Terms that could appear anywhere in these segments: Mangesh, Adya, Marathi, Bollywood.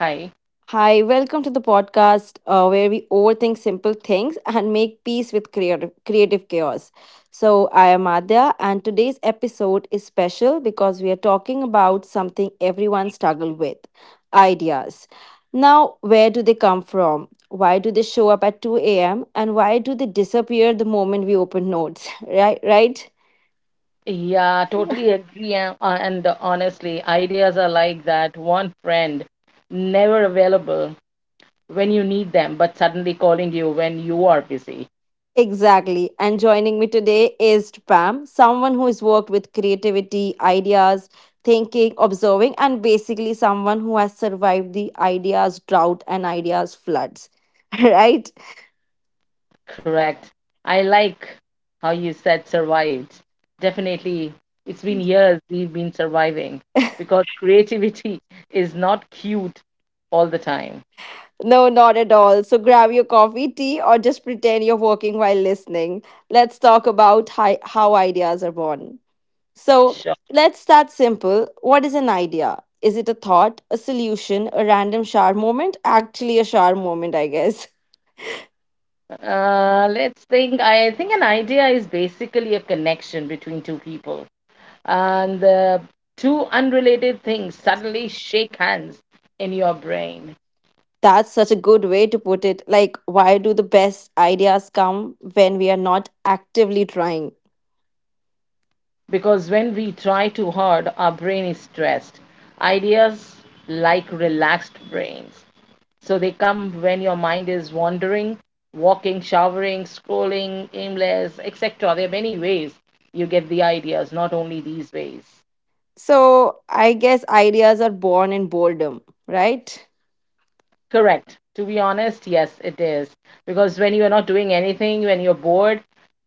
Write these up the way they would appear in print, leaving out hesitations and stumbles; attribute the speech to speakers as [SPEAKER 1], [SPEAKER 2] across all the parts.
[SPEAKER 1] Hi.
[SPEAKER 2] Hi, welcome to the podcast, where we overthink simple things and make peace with creative chaos. So, I am Adya, and today's episode is special because we are talking about something everyone struggles with: ideas. Now, where do they come from? Why do they show up at 2 a.m.? And why do they disappear the moment we open notes? Right? Right?
[SPEAKER 1] Yeah, totally agree. And honestly, ideas are like that one friend, never available when you need them, but suddenly calling you when you are busy.
[SPEAKER 2] Exactly. And joining me today is Pam, someone who has worked with creativity, ideas, thinking, observing, and basically someone who has survived the ideas drought and ideas floods. Right?
[SPEAKER 1] Correct. I like how you said survived. Definitely, it's been years we've been surviving because creativity is not cute all the time.
[SPEAKER 2] No, not at all. So grab your coffee, tea, or just pretend you're working while listening. Let's talk about how ideas are born. So,
[SPEAKER 1] Sure.
[SPEAKER 2] let's start simple. What is an idea? Is it a thought, a solution, a random shower moment? Actually, a shower moment, I guess.
[SPEAKER 1] Let's think. I think an idea is basically a connection between two people and the two unrelated things suddenly shake hands in your brain.
[SPEAKER 2] That's such a good way to put it. Like, why do the best ideas come when we are not actively trying?
[SPEAKER 1] Because when we try too hard, our brain is stressed. Ideas like relaxed brains, so they come when your mind is wandering, walking, showering, scrolling, aimless, etc. There are many ways you get the ideas, not only these ways.
[SPEAKER 2] So, I guess ideas are born in boredom, right?
[SPEAKER 1] Correct. To be honest, yes, it is. Because when you're not doing anything, when you're bored,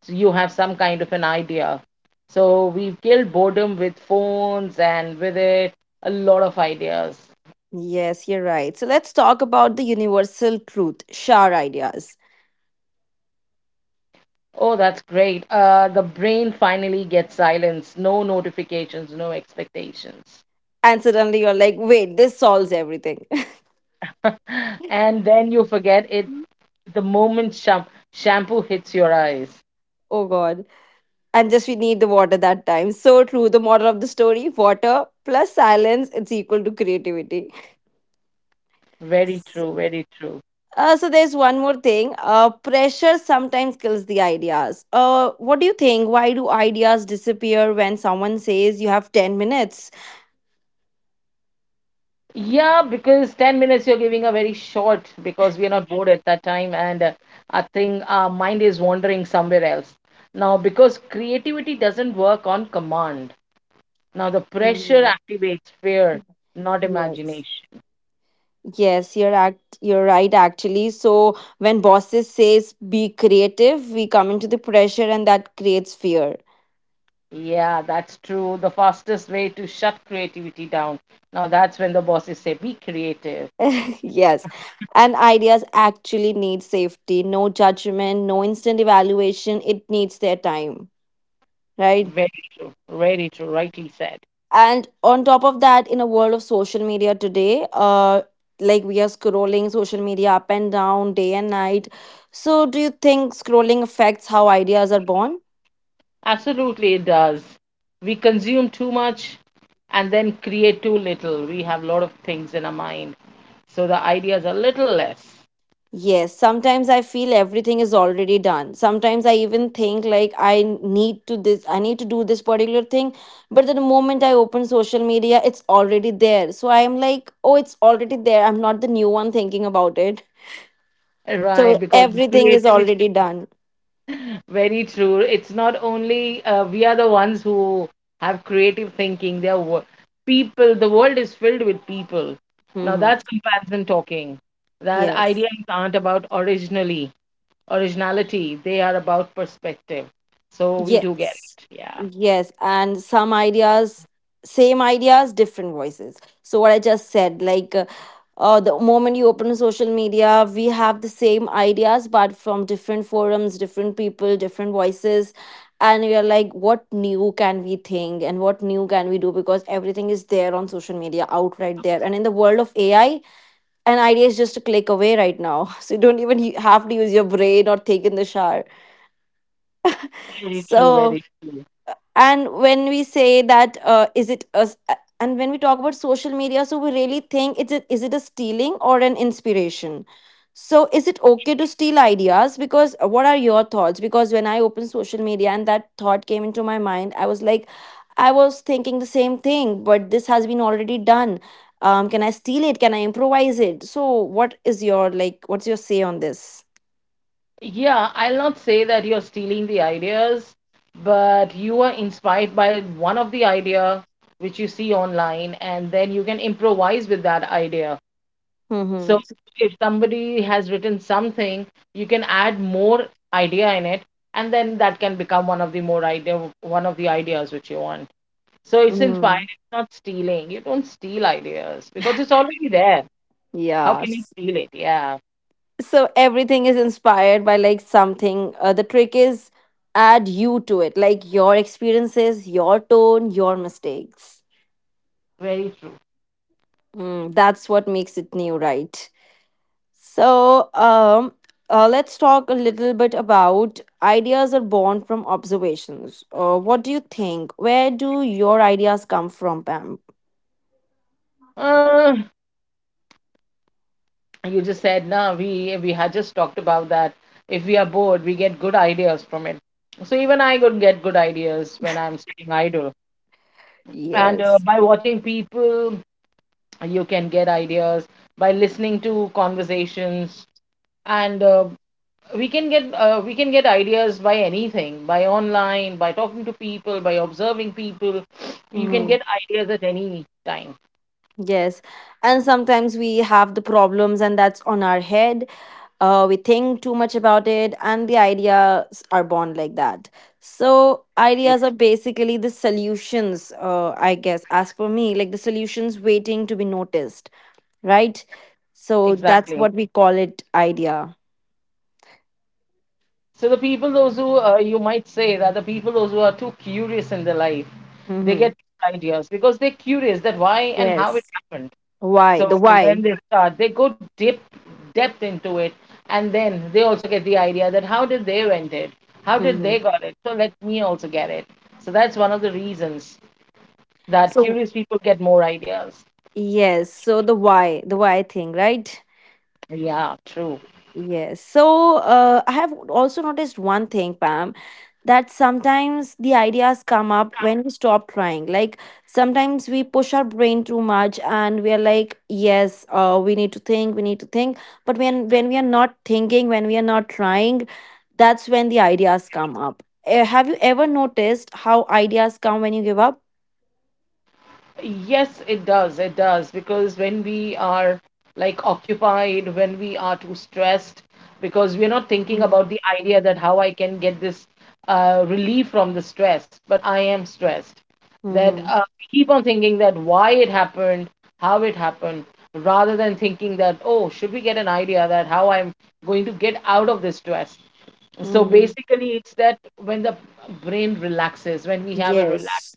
[SPEAKER 1] you have some kind of an idea. So we've killed boredom with phones, and with it, a lot of ideas.
[SPEAKER 2] Yes, you're right. So, let's talk about the universal truth, Shar ideas.
[SPEAKER 1] Oh, that's great. The brain finally gets silence, no notifications, no expectations.
[SPEAKER 2] And suddenly you're like, wait, this solves everything.
[SPEAKER 1] And then you forget it the moment shampoo hits your eyes.
[SPEAKER 2] Oh God. And just we need the water that time. So true. The moral of the story: water plus silence, it's equal to creativity.
[SPEAKER 1] Very true, very true.
[SPEAKER 2] So there's one more thing. Pressure sometimes kills the ideas. What do you think? Why do ideas disappear when someone says you have 10 minutes?
[SPEAKER 1] Yeah, because 10 minutes you're giving are very short, because we are not bored at that time, and I think our mind is wandering somewhere else. Now, because creativity doesn't work on command. Now, the pressure
[SPEAKER 2] Mhm.
[SPEAKER 1] activates fear, not
[SPEAKER 2] Yes.
[SPEAKER 1] imagination.
[SPEAKER 2] Yes, you're right actually. So when bosses says be creative, we come into the pressure and that creates fear.
[SPEAKER 1] Yeah, that's true. The fastest way to shut creativity down. Now, that's when the bosses say, be creative.
[SPEAKER 2] Yes. And ideas actually need safety, no judgment, no instant evaluation. It needs their time, right?
[SPEAKER 1] Very true. Very true. Rightly said.
[SPEAKER 2] And on top of that, in a world of social media today, like we are scrolling social media up and down, day and night. So do you think scrolling affects how ideas are born?
[SPEAKER 1] Absolutely, it does. We consume too much and then create too little. We have a lot of things in our mind, so the ideas are little less.
[SPEAKER 2] Yes, sometimes I feel everything is already done. Sometimes I even think like I need to do this particular thing, but the moment I open social media, it's already there, so I am like, oh, it's already there, I'm not the new one thinking about it,
[SPEAKER 1] Right,
[SPEAKER 2] so
[SPEAKER 1] because
[SPEAKER 2] everything is
[SPEAKER 1] creativity,
[SPEAKER 2] already done.
[SPEAKER 1] very true. It's not only we are the ones who have creative thinking. They are people. The world is filled with people. Now that's
[SPEAKER 2] Hmm.
[SPEAKER 1] comparison talking. That
[SPEAKER 2] Yes.
[SPEAKER 1] ideas aren't about originally originality. They are about perspective. So we do get
[SPEAKER 2] Yes.
[SPEAKER 1] it. Yeah.
[SPEAKER 2] Yes. And some ideas, same ideas, different voices. So, what I just said, like, the moment you open social media, we have the same ideas, but from different forums, different people, different voices. And we are like, what new can we think and what new can we do? Because everything is there on social media, outright there. And in the world of AI, an idea is just a click away right now. So you don't even have to use your brain or take in the shower.
[SPEAKER 1] Very true,
[SPEAKER 2] So,
[SPEAKER 1] very true.
[SPEAKER 2] and when we say that, is it a s- a- and when we talk about social media, so we really think it's a, is it a stealing or an inspiration? So is it okay to steal ideas? Because what are your thoughts? Because when I opened social media and that thought came into my mind, I was like, I was thinking the same thing but this has been already done. Um, can I steal it? Can I improvise it? So what is your, like, what's your say on this?
[SPEAKER 1] Yeah, I'll not say that you're stealing the ideas, but you are inspired by one of the idea which you see online, and then you can improvise with that idea. So
[SPEAKER 2] Mm-hmm.
[SPEAKER 1] if somebody has written something, you can add more idea in it, and then that can become one of the more idea, one of the ideas which you want. So it's inspired,
[SPEAKER 2] Mm.
[SPEAKER 1] it's not stealing. You don't steal ideas because it's already there. How
[SPEAKER 2] Yeah,
[SPEAKER 1] can you steal it? Yeah,
[SPEAKER 2] so everything is inspired by like something. Uh, the trick is: add you to it, like your experiences, your tone, your mistakes.
[SPEAKER 1] very true.
[SPEAKER 2] Mm, that's what makes it new, right? So let's talk a little bit about ideas are born from observations. Uh, what do you think, where do your ideas come from, Pam?
[SPEAKER 1] Uh, you just said, no, we had just talked about that. If we are bored, we get good ideas from it. So even I could get good ideas when I'm sitting idle, and
[SPEAKER 2] Yes.
[SPEAKER 1] by watching people, you can get ideas, by listening to conversations, and we can get ideas by anything, by online, by talking to people, by observing people. You can
[SPEAKER 2] Mm-hmm.
[SPEAKER 1] get ideas at any time.
[SPEAKER 2] Yes. And sometimes we have the problems and that's on our head. We think too much about it and the ideas are born like that. So ideas are basically the solutions, I guess, as for me, like the solutions waiting to be noticed, right? So that's
[SPEAKER 1] Exactly.
[SPEAKER 2] what we call it idea.
[SPEAKER 1] So the people, those who, you might say that, the people, those who are too curious in their life, they
[SPEAKER 2] Mm-hmm.
[SPEAKER 1] get ideas because they're curious that why and how it
[SPEAKER 2] Yes.
[SPEAKER 1] happened.
[SPEAKER 2] Why, the
[SPEAKER 1] So
[SPEAKER 2] why.
[SPEAKER 1] when they start, they go deep depth into it, and then they also get the idea that how did they went it, how did they
[SPEAKER 2] Mm-hmm.
[SPEAKER 1] got it. So let me also get it. So that's one of the reasons that
[SPEAKER 2] So
[SPEAKER 1] curious people get more ideas.
[SPEAKER 2] yes, so the why, the why thing, right?
[SPEAKER 1] Yeah, true.
[SPEAKER 2] Yes. So I have also noticed one thing, Pam, that sometimes the ideas come up when we stop trying. Like sometimes we push our brain too much and we are like, yes, we need to think. But when we are not thinking, when we are not trying, that's when the ideas come up. Have you ever noticed how ideas come when you give up?
[SPEAKER 1] Yes, it does. It does. Because when we are like occupied, when we are too stressed, because we're not thinking about the idea that how I can get this relief from the stress, but I am stressed. That
[SPEAKER 2] Mm-hmm.
[SPEAKER 1] uh, we keep on thinking that why it happened, how it happened, rather than thinking that, oh, should we get an idea that how I'm going to get out of this stress? So
[SPEAKER 2] Mm-hmm.
[SPEAKER 1] basically, it's that when the brain relaxes, when we have a relaxed
[SPEAKER 2] Yes.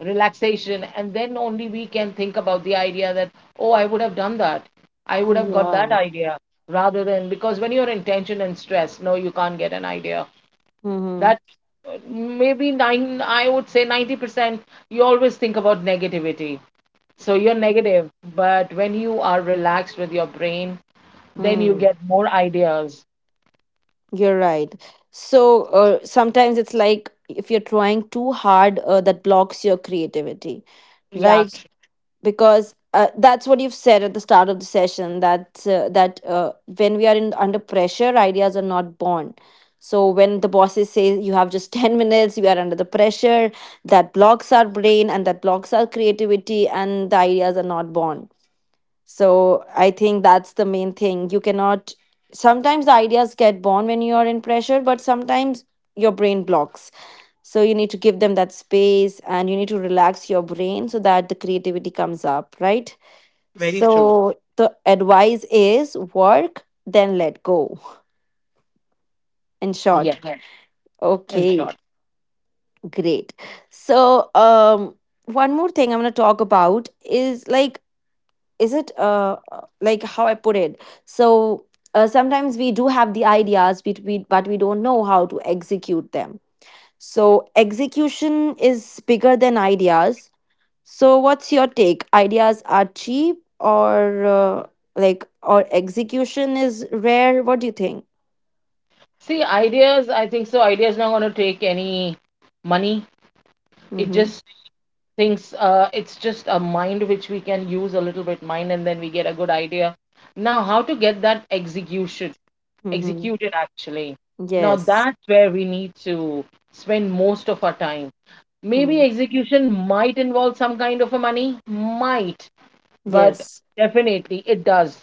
[SPEAKER 1] relaxation, and then only we can think about the idea that, oh, I would have done that, I would have got that
[SPEAKER 2] Yeah.
[SPEAKER 1] idea, rather than, because when you're in tension and stress, no, you can't get an idea
[SPEAKER 2] Mm-hmm.
[SPEAKER 1] that maybe nine I would say 90%, you always think about negativity, so you're negative. But when you are relaxed with your brain, then you
[SPEAKER 2] Mm.
[SPEAKER 1] get more ideas.
[SPEAKER 2] You're right. So sometimes it's like if you're trying too hard, that blocks your creativity,
[SPEAKER 1] yeah
[SPEAKER 2] right?
[SPEAKER 1] tr-
[SPEAKER 2] Because that's what you've said at the start of the session, that when we are in under pressure, ideas are not born. So when the bosses say you have just 10 minutes, you are under the pressure. That blocks our brain and that blocks our creativity, and the ideas are not born. So I think that's the main thing. You cannot, sometimes the ideas get born when you are in pressure, but sometimes your brain blocks. So you need to give them that space and you need to relax your brain so that the creativity comes up, right?
[SPEAKER 1] Very true.
[SPEAKER 2] So the advice is work, then let go. In
[SPEAKER 1] Yeah,
[SPEAKER 2] short. Right.
[SPEAKER 1] in
[SPEAKER 2] Okay,
[SPEAKER 1] short.
[SPEAKER 2] great. So, one more thing I'm going to talk about is like, is it like, how I put it. So sometimes we do have the ideas but we don't know how to execute them. So execution is bigger than ideas. So what's your take, ideas are cheap or like, or execution is rare? What do you think?
[SPEAKER 1] See, ideas, I think so, ideas not going to take any money. It
[SPEAKER 2] Mm-hmm.
[SPEAKER 1] just things, it's just a mind which we can use a little bit mind, and then we get a good idea. Now how to get that execution
[SPEAKER 2] Mm-hmm.
[SPEAKER 1] executed actually, now
[SPEAKER 2] Yes.
[SPEAKER 1] that's where we need to spend most of our time. Maybe
[SPEAKER 2] Mm.
[SPEAKER 1] execution might involve some kind of a money might, but
[SPEAKER 2] Yes.
[SPEAKER 1] definitely it does.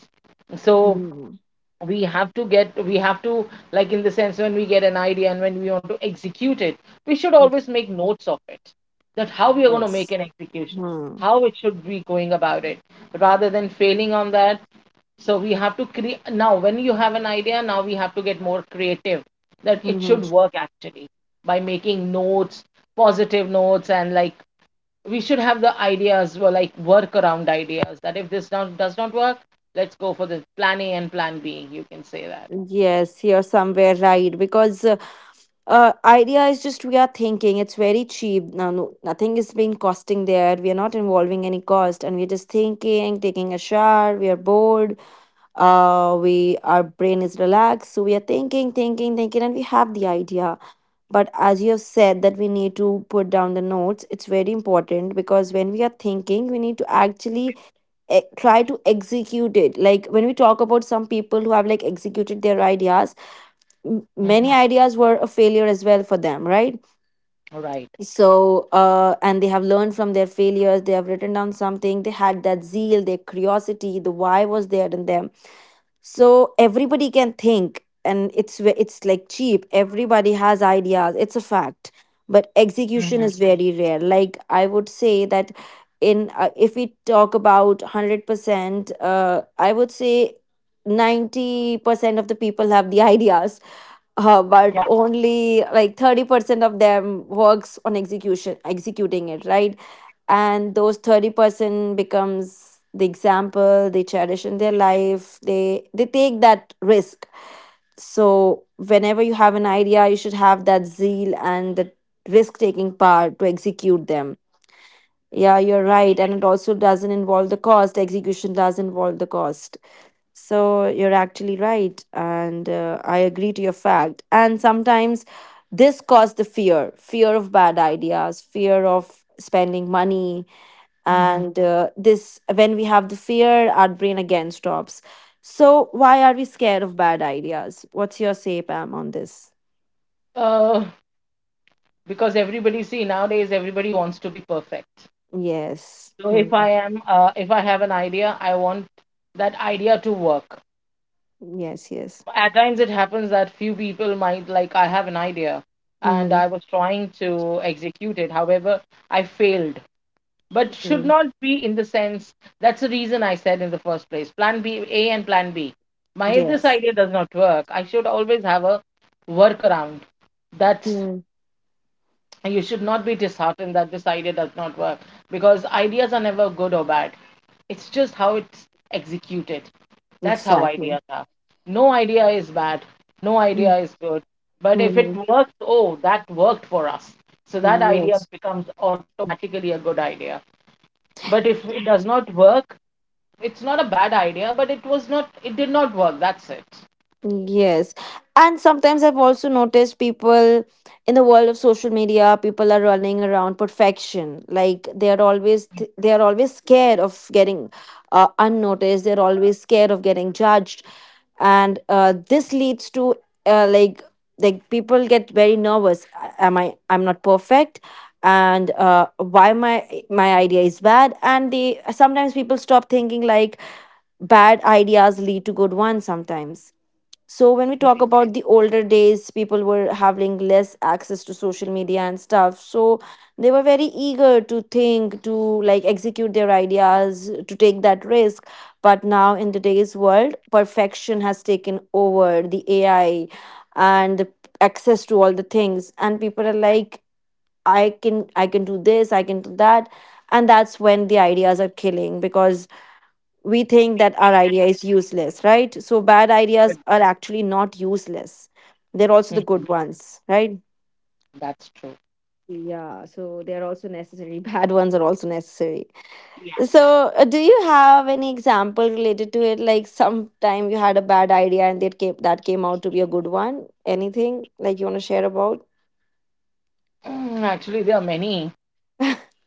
[SPEAKER 1] So
[SPEAKER 2] Mm.
[SPEAKER 1] we have to get, we have to, like, in the sense, when we get an idea and when we want to execute it, we should always make notes of it, that how we are going to make
[SPEAKER 2] Yes.
[SPEAKER 1] an execution,
[SPEAKER 2] Mm.
[SPEAKER 1] how it should be going about it, rather than failing on that. So we have to create, now when you have an idea, now we have to get more creative, that it
[SPEAKER 2] Mm-hmm.
[SPEAKER 1] should work actually, by making notes, positive notes, and like, we should have the ideas or like work around ideas that if this not, does not work, let's go for the plan A and plan B, you can say that.
[SPEAKER 2] Yes, you're somewhere right. Because idea is just we are thinking, it's very cheap. No, Nothing is being costing there, we are not involving any cost, and we're just thinking, taking a shower, we are bored. We Our brain is relaxed, so we are thinking, thinking, and we have the idea. But as you have said, that we need to put down the notes, it's very important, because when we are thinking, we need to actually try to execute it. Like when we talk about some people who have like executed their ideas, many
[SPEAKER 1] Mhm.
[SPEAKER 2] ideas were a failure as well for them, right?
[SPEAKER 1] All right.
[SPEAKER 2] So and they have learned from their failures, they have written down something, they had that zeal, their curiosity, the why was there in them. So everybody can think, and it's it's like cheap, everybody has ideas, it's a fact. But execution
[SPEAKER 1] Mhm.
[SPEAKER 2] is very rare, like I would say that, in if we talk about 100%, I would say 90% of the people have the ideas, but
[SPEAKER 1] Yeah.
[SPEAKER 2] only like 30% of them works on execution executing it, right? And those 30% becomes the example, they cherish in their life, they take that risk. So whenever you have an idea, you should have that zeal and the risk taking part to execute them. Yeah, you're right, and it also doesn't involve the cost, execution does involve the cost. So you're actually right, and I agree to your fact. And sometimes this caused the fear of bad ideas, fear of spending money.
[SPEAKER 1] Mhm.
[SPEAKER 2] And this, when we have the fear, our brain again stops. So, why are we scared of bad ideas? What's your say, Pam, on this?
[SPEAKER 1] uh, because everybody, see, nowadays everybody wants to be perfect.
[SPEAKER 2] Yes.
[SPEAKER 1] So if I
[SPEAKER 2] Hmm.
[SPEAKER 1] am, if I have an idea, I want that idea to work.
[SPEAKER 2] Yes, yes.
[SPEAKER 1] At times it happens that few people might, like, I have an idea and I
[SPEAKER 2] Hmm.
[SPEAKER 1] was trying to execute it, however, I failed. But should not be in the sense, that's the reason I said in the first place, plan B A and plan B. My, if this
[SPEAKER 2] Yes.
[SPEAKER 1] idea does not work, I should always have a workaround. That's,
[SPEAKER 2] Mm.
[SPEAKER 1] you should not be disheartened that this idea does not work, because ideas are never good or bad. It's just how it's executed. That's how
[SPEAKER 2] Exactly.
[SPEAKER 1] ideas are. No idea is bad, no
[SPEAKER 2] Hmm.
[SPEAKER 1] idea is good. But if it
[SPEAKER 2] Mm-hmm.
[SPEAKER 1] works, oh, that worked for us. So that idea
[SPEAKER 2] Yes.
[SPEAKER 1] becomes automatically a good idea. But if it does not work, it's not a bad idea, but it was not, it did not work. That's it.
[SPEAKER 2] Yes. And sometimes I've also noticed people in the world of social media, people are running around perfection. Like they are always they are always scared of getting unnoticed. They're always scared of getting judged. And this leads to uh, like like people get very nervous. Am I, I'm not perfect? And why my idea is bad? And they, sometimes people stop thinking like bad ideas lead to good ones sometimes. So when we talk about the older days, people were having less access to social media and stuff, so they were very eager to think, to like execute their ideas, to take that risk. But now in today's world, perfection has taken over, the AI and the access to all the things, and people are like, I can do this, I can do that. And that's when the ideas are killing, because we think that our idea is useless, right? So bad ideas
[SPEAKER 1] Very good.
[SPEAKER 2] are actually not useless. They're also the good
[SPEAKER 1] Mhm.
[SPEAKER 2] ones, right?
[SPEAKER 1] That's true.
[SPEAKER 2] Yeah, so they're also necessary. Bad ones are also necessary. So, do you have any example related to it? Like, sometime you had a bad idea and that came out to be a good one. Anything like you want to share about?
[SPEAKER 1] Mm, actually, there are many.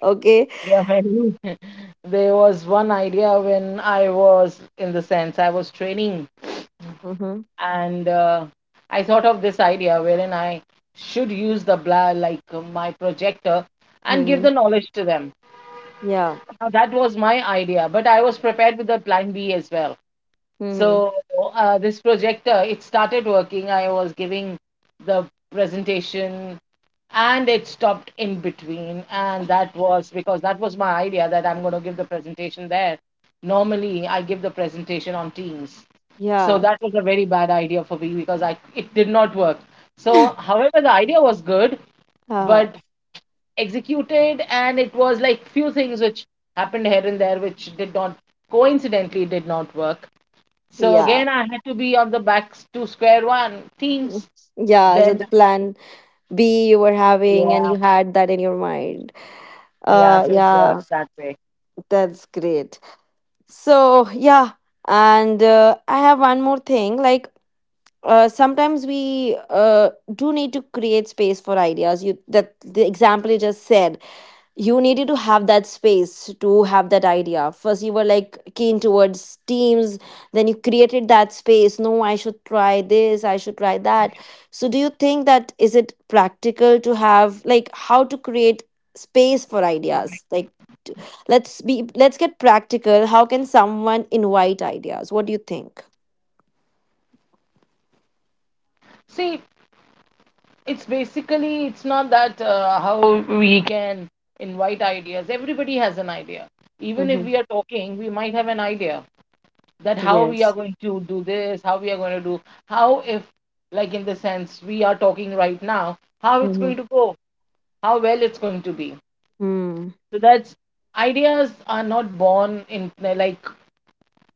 [SPEAKER 2] Okay.
[SPEAKER 1] There are many. There was one idea when I was, in the sense, I was training,
[SPEAKER 2] Mm-hmm.
[SPEAKER 1] and I thought of this idea wherein I should use the bla like my projector and give
[SPEAKER 2] Mm-hmm.
[SPEAKER 1] the knowledge to them.
[SPEAKER 2] Yeah.
[SPEAKER 1] Now, that was my idea, but I was prepared with a plan B as well.
[SPEAKER 2] Mm-hmm.
[SPEAKER 1] So this projector, it started working. I was giving the presentation and it stopped in between. And that was because that was my idea that I'm going to give the presentation there. Normally, I give the presentation on Teams. So
[SPEAKER 2] Yeah.
[SPEAKER 1] that was a very bad idea for me, because I, it did not work. So, however, the idea was good,
[SPEAKER 2] Uh,
[SPEAKER 1] but executed and it was like few things which happened here and there which did not, coincidentally did not work. So
[SPEAKER 2] yeah.
[SPEAKER 1] again, I had to be on the back to square one,
[SPEAKER 2] Mm.
[SPEAKER 1] Teams.
[SPEAKER 2] Yeah, so the
[SPEAKER 1] Then,
[SPEAKER 2] plan B you were having and
[SPEAKER 1] yeah,
[SPEAKER 2] you had that in your mind.
[SPEAKER 1] yeah.
[SPEAKER 2] Uh
[SPEAKER 1] So it works
[SPEAKER 2] yeah,
[SPEAKER 1] that way.
[SPEAKER 2] that's great. So, yeah, and I have one more thing, like sometimes we do need to create space for ideas. You, that the example you just said, you needed to have that space to have that idea. First you were like keen towards Teams, then you created that space. No, I should try this, I should try that. So do you think that, is it practical to have, like, how to create space for ideas, like t- let's be, let's get practical. How can someone invite ideas? What do you think?
[SPEAKER 1] See, it's basically it's not that how we can invite ideas. Everybody has an idea. Even if
[SPEAKER 2] Mm-hmm.
[SPEAKER 1] we are talking, we might have an idea that how we are
[SPEAKER 2] Yes.
[SPEAKER 1] going to do this, how we are going to do, how if, like, in the sense we are talking right now, how it's
[SPEAKER 2] Mm-hmm.
[SPEAKER 1] going to go, how well it's going to be.
[SPEAKER 2] Hmm.
[SPEAKER 1] So that's, ideas are not born in, like,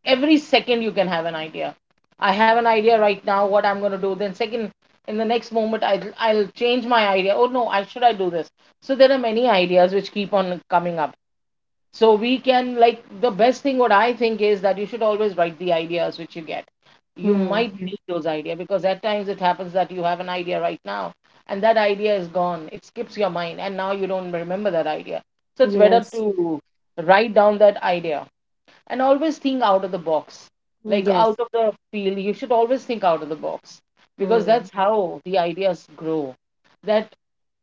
[SPEAKER 1] every second you can have an idea. I have an idea right now what I'm going to do. Then second, in the next moment, I'll change my idea. Oh no, I should I do this? So there are many ideas which keep on coming up. So we can, like, the best thing what I think is that you should always write the ideas which you get. You
[SPEAKER 2] Hmm.
[SPEAKER 1] might need those ideas because at times it happens that you have an idea right now and that idea is gone. It skips your mind and now you don't remember that idea. So it's better
[SPEAKER 2] Yes.
[SPEAKER 1] to write down that idea and always think out of the box,
[SPEAKER 2] Hmm.
[SPEAKER 1] like out
[SPEAKER 2] Yes.
[SPEAKER 1] of the field, you should always think out of the box, because
[SPEAKER 2] Hmm.
[SPEAKER 1] that's how the ideas grow. That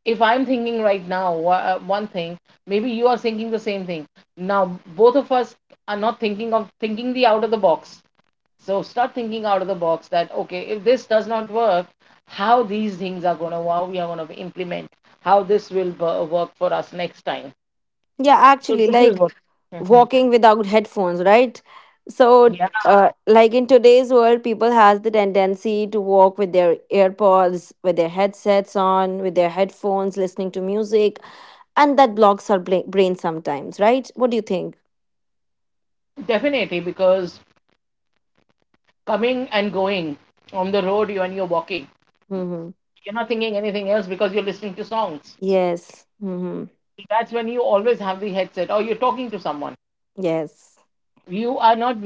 [SPEAKER 1] if I'm thinking right now, one thing, maybe you are thinking the same thing, now both of us are not thinking of thinking the out of the box. So start thinking out of the box that, okay, if this does not work, how these things are going to, how we are going to implement, how this will work for us next time.
[SPEAKER 2] Yeah,
[SPEAKER 1] So
[SPEAKER 2] actually,
[SPEAKER 1] this is what.
[SPEAKER 2] like
[SPEAKER 1] Mhm.
[SPEAKER 2] walking without headphones, right? So,
[SPEAKER 1] Yeah,
[SPEAKER 2] like in today's world, people has the tendency to walk with their earpods, with their headsets on, with their headphones, listening to music, and that blocks our brain sometimes, right? What do you think?
[SPEAKER 1] definitely, because coming and going on the road, you, when you're walking.
[SPEAKER 2] Mm-hmm.
[SPEAKER 1] You're not thinking anything else because you're listening to songs.
[SPEAKER 2] Yes. Mm-hmm.
[SPEAKER 1] That's when you always have the headset or you're talking to someone.
[SPEAKER 2] Yes.
[SPEAKER 1] You are not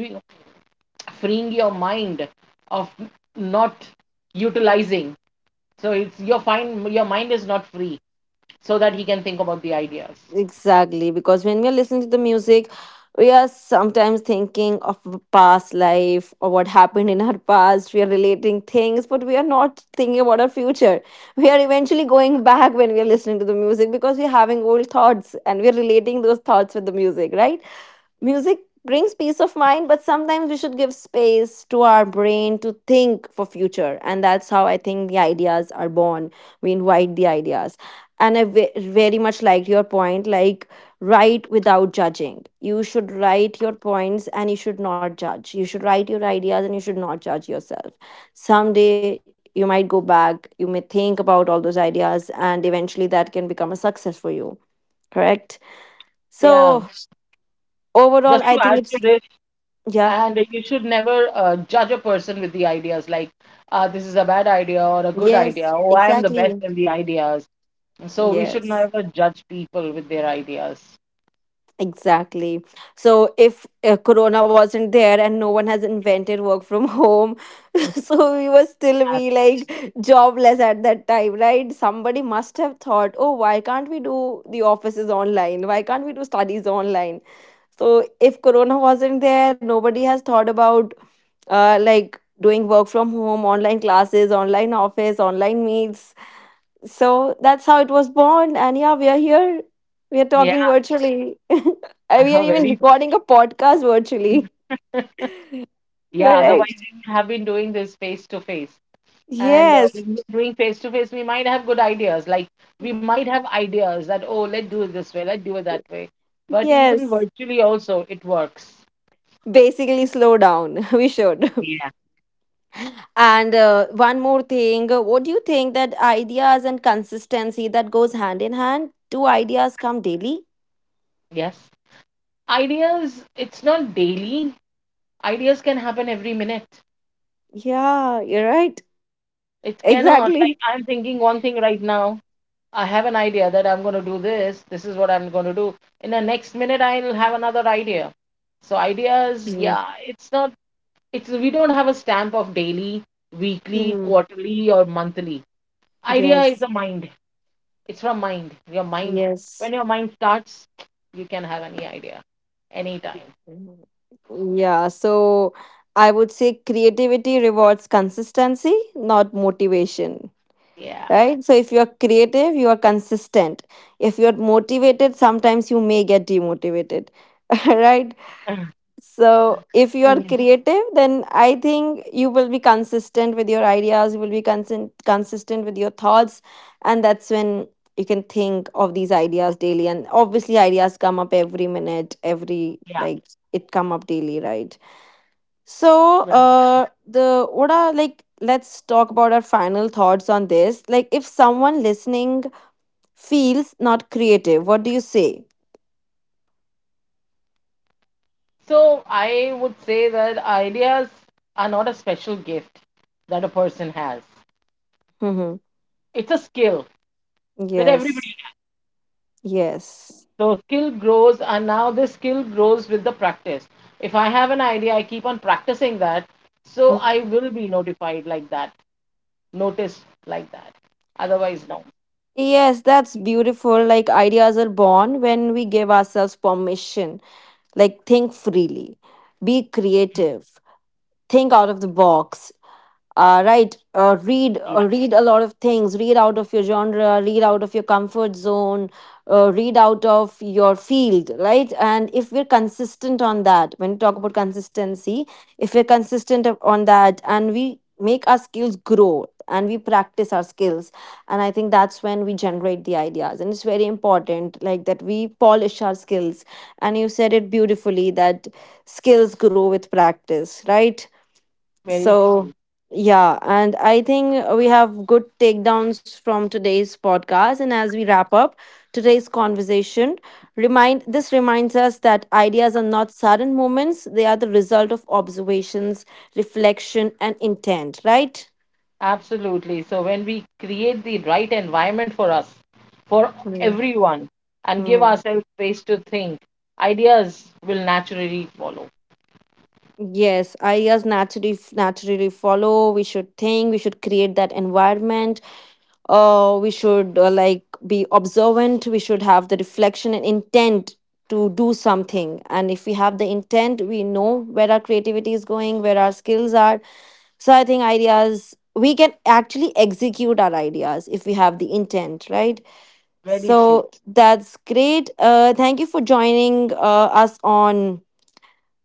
[SPEAKER 1] freeing your mind of, not utilizing. So it's your fine, your mind is not free so that he can think about the ideas.
[SPEAKER 2] Exactly, because when we are listening to the music, we are sometimes thinking of a past life or what happened in our past. We are relating things, but we are not thinking about our future. We are eventually going back when we are listening to the music because we're having old thoughts and we're relating those thoughts with the music, right? Music brings peace of mind, but sometimes we should give space to our brain to think for future. And that's how I think the ideas are born. We invite the ideas. And I very much liked your point, like, write without judging. You should write your points and you should not judge. You should write your ideas and you should not judge yourself. Someday you might go back, you may think about all those ideas, and eventually that can become a success for you. Correct?
[SPEAKER 1] Yeah.
[SPEAKER 2] So,
[SPEAKER 1] Just
[SPEAKER 2] overall,
[SPEAKER 1] to
[SPEAKER 2] I think
[SPEAKER 1] add to
[SPEAKER 2] it's,
[SPEAKER 1] this,
[SPEAKER 2] yeah.
[SPEAKER 1] and you should never judge a person with the ideas, like, this is a bad idea or a good idea.
[SPEAKER 2] Yes,
[SPEAKER 1] Oh, I am the best
[SPEAKER 2] exactly.
[SPEAKER 1] in the ideas. So we should
[SPEAKER 2] Yes,
[SPEAKER 1] never judge people with their ideas.
[SPEAKER 2] exactly. So if Corona wasn't there and no one has invented work from home, so we were still be
[SPEAKER 1] Exactly.
[SPEAKER 2] like jobless at that time, right? Somebody must have thought, oh, why can't we do the offices online? Why can't we do studies online? So if Corona wasn't there, nobody has thought about like doing work from home, online classes, online office, online meets. So that's how it was born. And yeah, we are here. We are
[SPEAKER 1] Yeah,
[SPEAKER 2] talking virtually. And we are even
[SPEAKER 1] very.
[SPEAKER 2] recording a podcast virtually.
[SPEAKER 1] Yeah, otherwise
[SPEAKER 2] Correct.
[SPEAKER 1] we would have been doing this face to face. And
[SPEAKER 2] Yes.
[SPEAKER 1] when we're doing face to face, we might have good ideas. Like, we might have ideas that, oh, let's do it this way, let's do it that way. But even
[SPEAKER 2] Yes.
[SPEAKER 1] virtually also, it works.
[SPEAKER 2] Basically, slow down. We should.
[SPEAKER 1] Yeah.
[SPEAKER 2] And one more thing. What do you think that ideas and consistency, that goes hand in hand? Do ideas come daily?
[SPEAKER 1] Yes. Ideas, it's not daily. Ideas can happen every minute.
[SPEAKER 2] Yeah, you're right.
[SPEAKER 1] It
[SPEAKER 2] Exactly.
[SPEAKER 1] cannot, like, I'm thinking one thing right now, I have an idea that I'm going to do this. This is what I'm going to do. In the next minute, I'll have another idea. So ideas,
[SPEAKER 2] Mm.
[SPEAKER 1] yeah, it's not. It's, we don't have a stamp of daily, weekly,
[SPEAKER 2] Mhm.
[SPEAKER 1] quarterly, or monthly. Idea is
[SPEAKER 2] Yes.
[SPEAKER 1] the mind. It's from mind. Your mind.
[SPEAKER 2] Yes.
[SPEAKER 1] When your mind starts, you can have any idea, anytime.
[SPEAKER 2] Mm-hmm. Yeah, so I would say creativity rewards consistency, not motivation.
[SPEAKER 1] Yeah.
[SPEAKER 2] Right? So if you're creative, you are consistent. If you're motivated, sometimes you may get demotivated. Right? So, if you are
[SPEAKER 1] Mm,
[SPEAKER 2] creative, then I think you will be consistent with your ideas, you will be consent consistent with your thoughts, and that's when you can think of these ideas daily. And obviously, ideas come up every minute, every,
[SPEAKER 1] yeah.
[SPEAKER 2] like, it come up daily, right? So,
[SPEAKER 1] Right.
[SPEAKER 2] the what are, like, let's talk about our final thoughts on this. Like, if someone listening feels not creative, what do you say?
[SPEAKER 1] So I would say that ideas are not a special gift that a person has.
[SPEAKER 2] Mm-hmm.
[SPEAKER 1] It's a skill that
[SPEAKER 2] Yes,
[SPEAKER 1] everybody.
[SPEAKER 2] yes.
[SPEAKER 1] So skill grows, and now this skill grows with the practice. If I have an idea, I keep on practicing that. So I
[SPEAKER 2] Mm-hmm.
[SPEAKER 1] will be notified like that, noticed like that. Otherwise, no.
[SPEAKER 2] Yes, that's beautiful. Like, ideas are born when we give ourselves permission. Like, think freely, be creative, think out of the box, right,
[SPEAKER 1] Yeah,
[SPEAKER 2] read a lot of things, read out of your genre, read out of your comfort zone, read out of your field, right? And if we're consistent on that, when we talk about consistency, if we're on that and we make our skills grow and we practice our skills, and I think that's when we generate the ideas. And it's very important, like, that we polish our skills. And you said it beautifully, that skills grow with practice, right?
[SPEAKER 1] very true.
[SPEAKER 2] So, yeah, and I think we have good takedowns from today's podcast. And as we wrap up today's conversation, remind this reminds us that ideas are not sudden moments; they are the result of observations, reflection, and intent. Right?
[SPEAKER 1] Absolutely. So when we create the right environment for us, for
[SPEAKER 2] Mm.
[SPEAKER 1] everyone, and give
[SPEAKER 2] Mm.
[SPEAKER 1] ourselves space to think, ideas will naturally follow.
[SPEAKER 2] Yes, ideas naturally follow. We should think. We should create that environment. We should like be observant, we should have the reflection and intent to do something. And if we have the intent, we know where our creativity is going, where our skills are. So I think ideas, we can actually execute our ideas if we have the intent, right?
[SPEAKER 1] Very true.
[SPEAKER 2] So that's great. Thank you for joining us on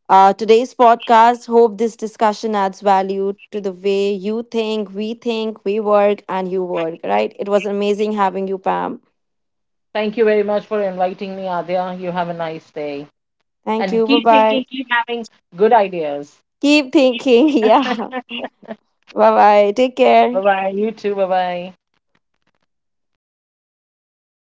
[SPEAKER 2] today's podcast. Hope this discussion adds value to the way you think, we work, and you work, right? It was amazing having you, Pam.
[SPEAKER 1] Thank you very much for inviting me, Adya. You have a nice day.
[SPEAKER 2] Thank
[SPEAKER 1] And
[SPEAKER 2] you. Bye
[SPEAKER 1] keep thinking,
[SPEAKER 2] bye.
[SPEAKER 1] keep having good ideas.
[SPEAKER 2] Keep thinking. Yeah. Bye bye. Take
[SPEAKER 1] Bye
[SPEAKER 2] care.
[SPEAKER 1] bye. You too. Bye bye.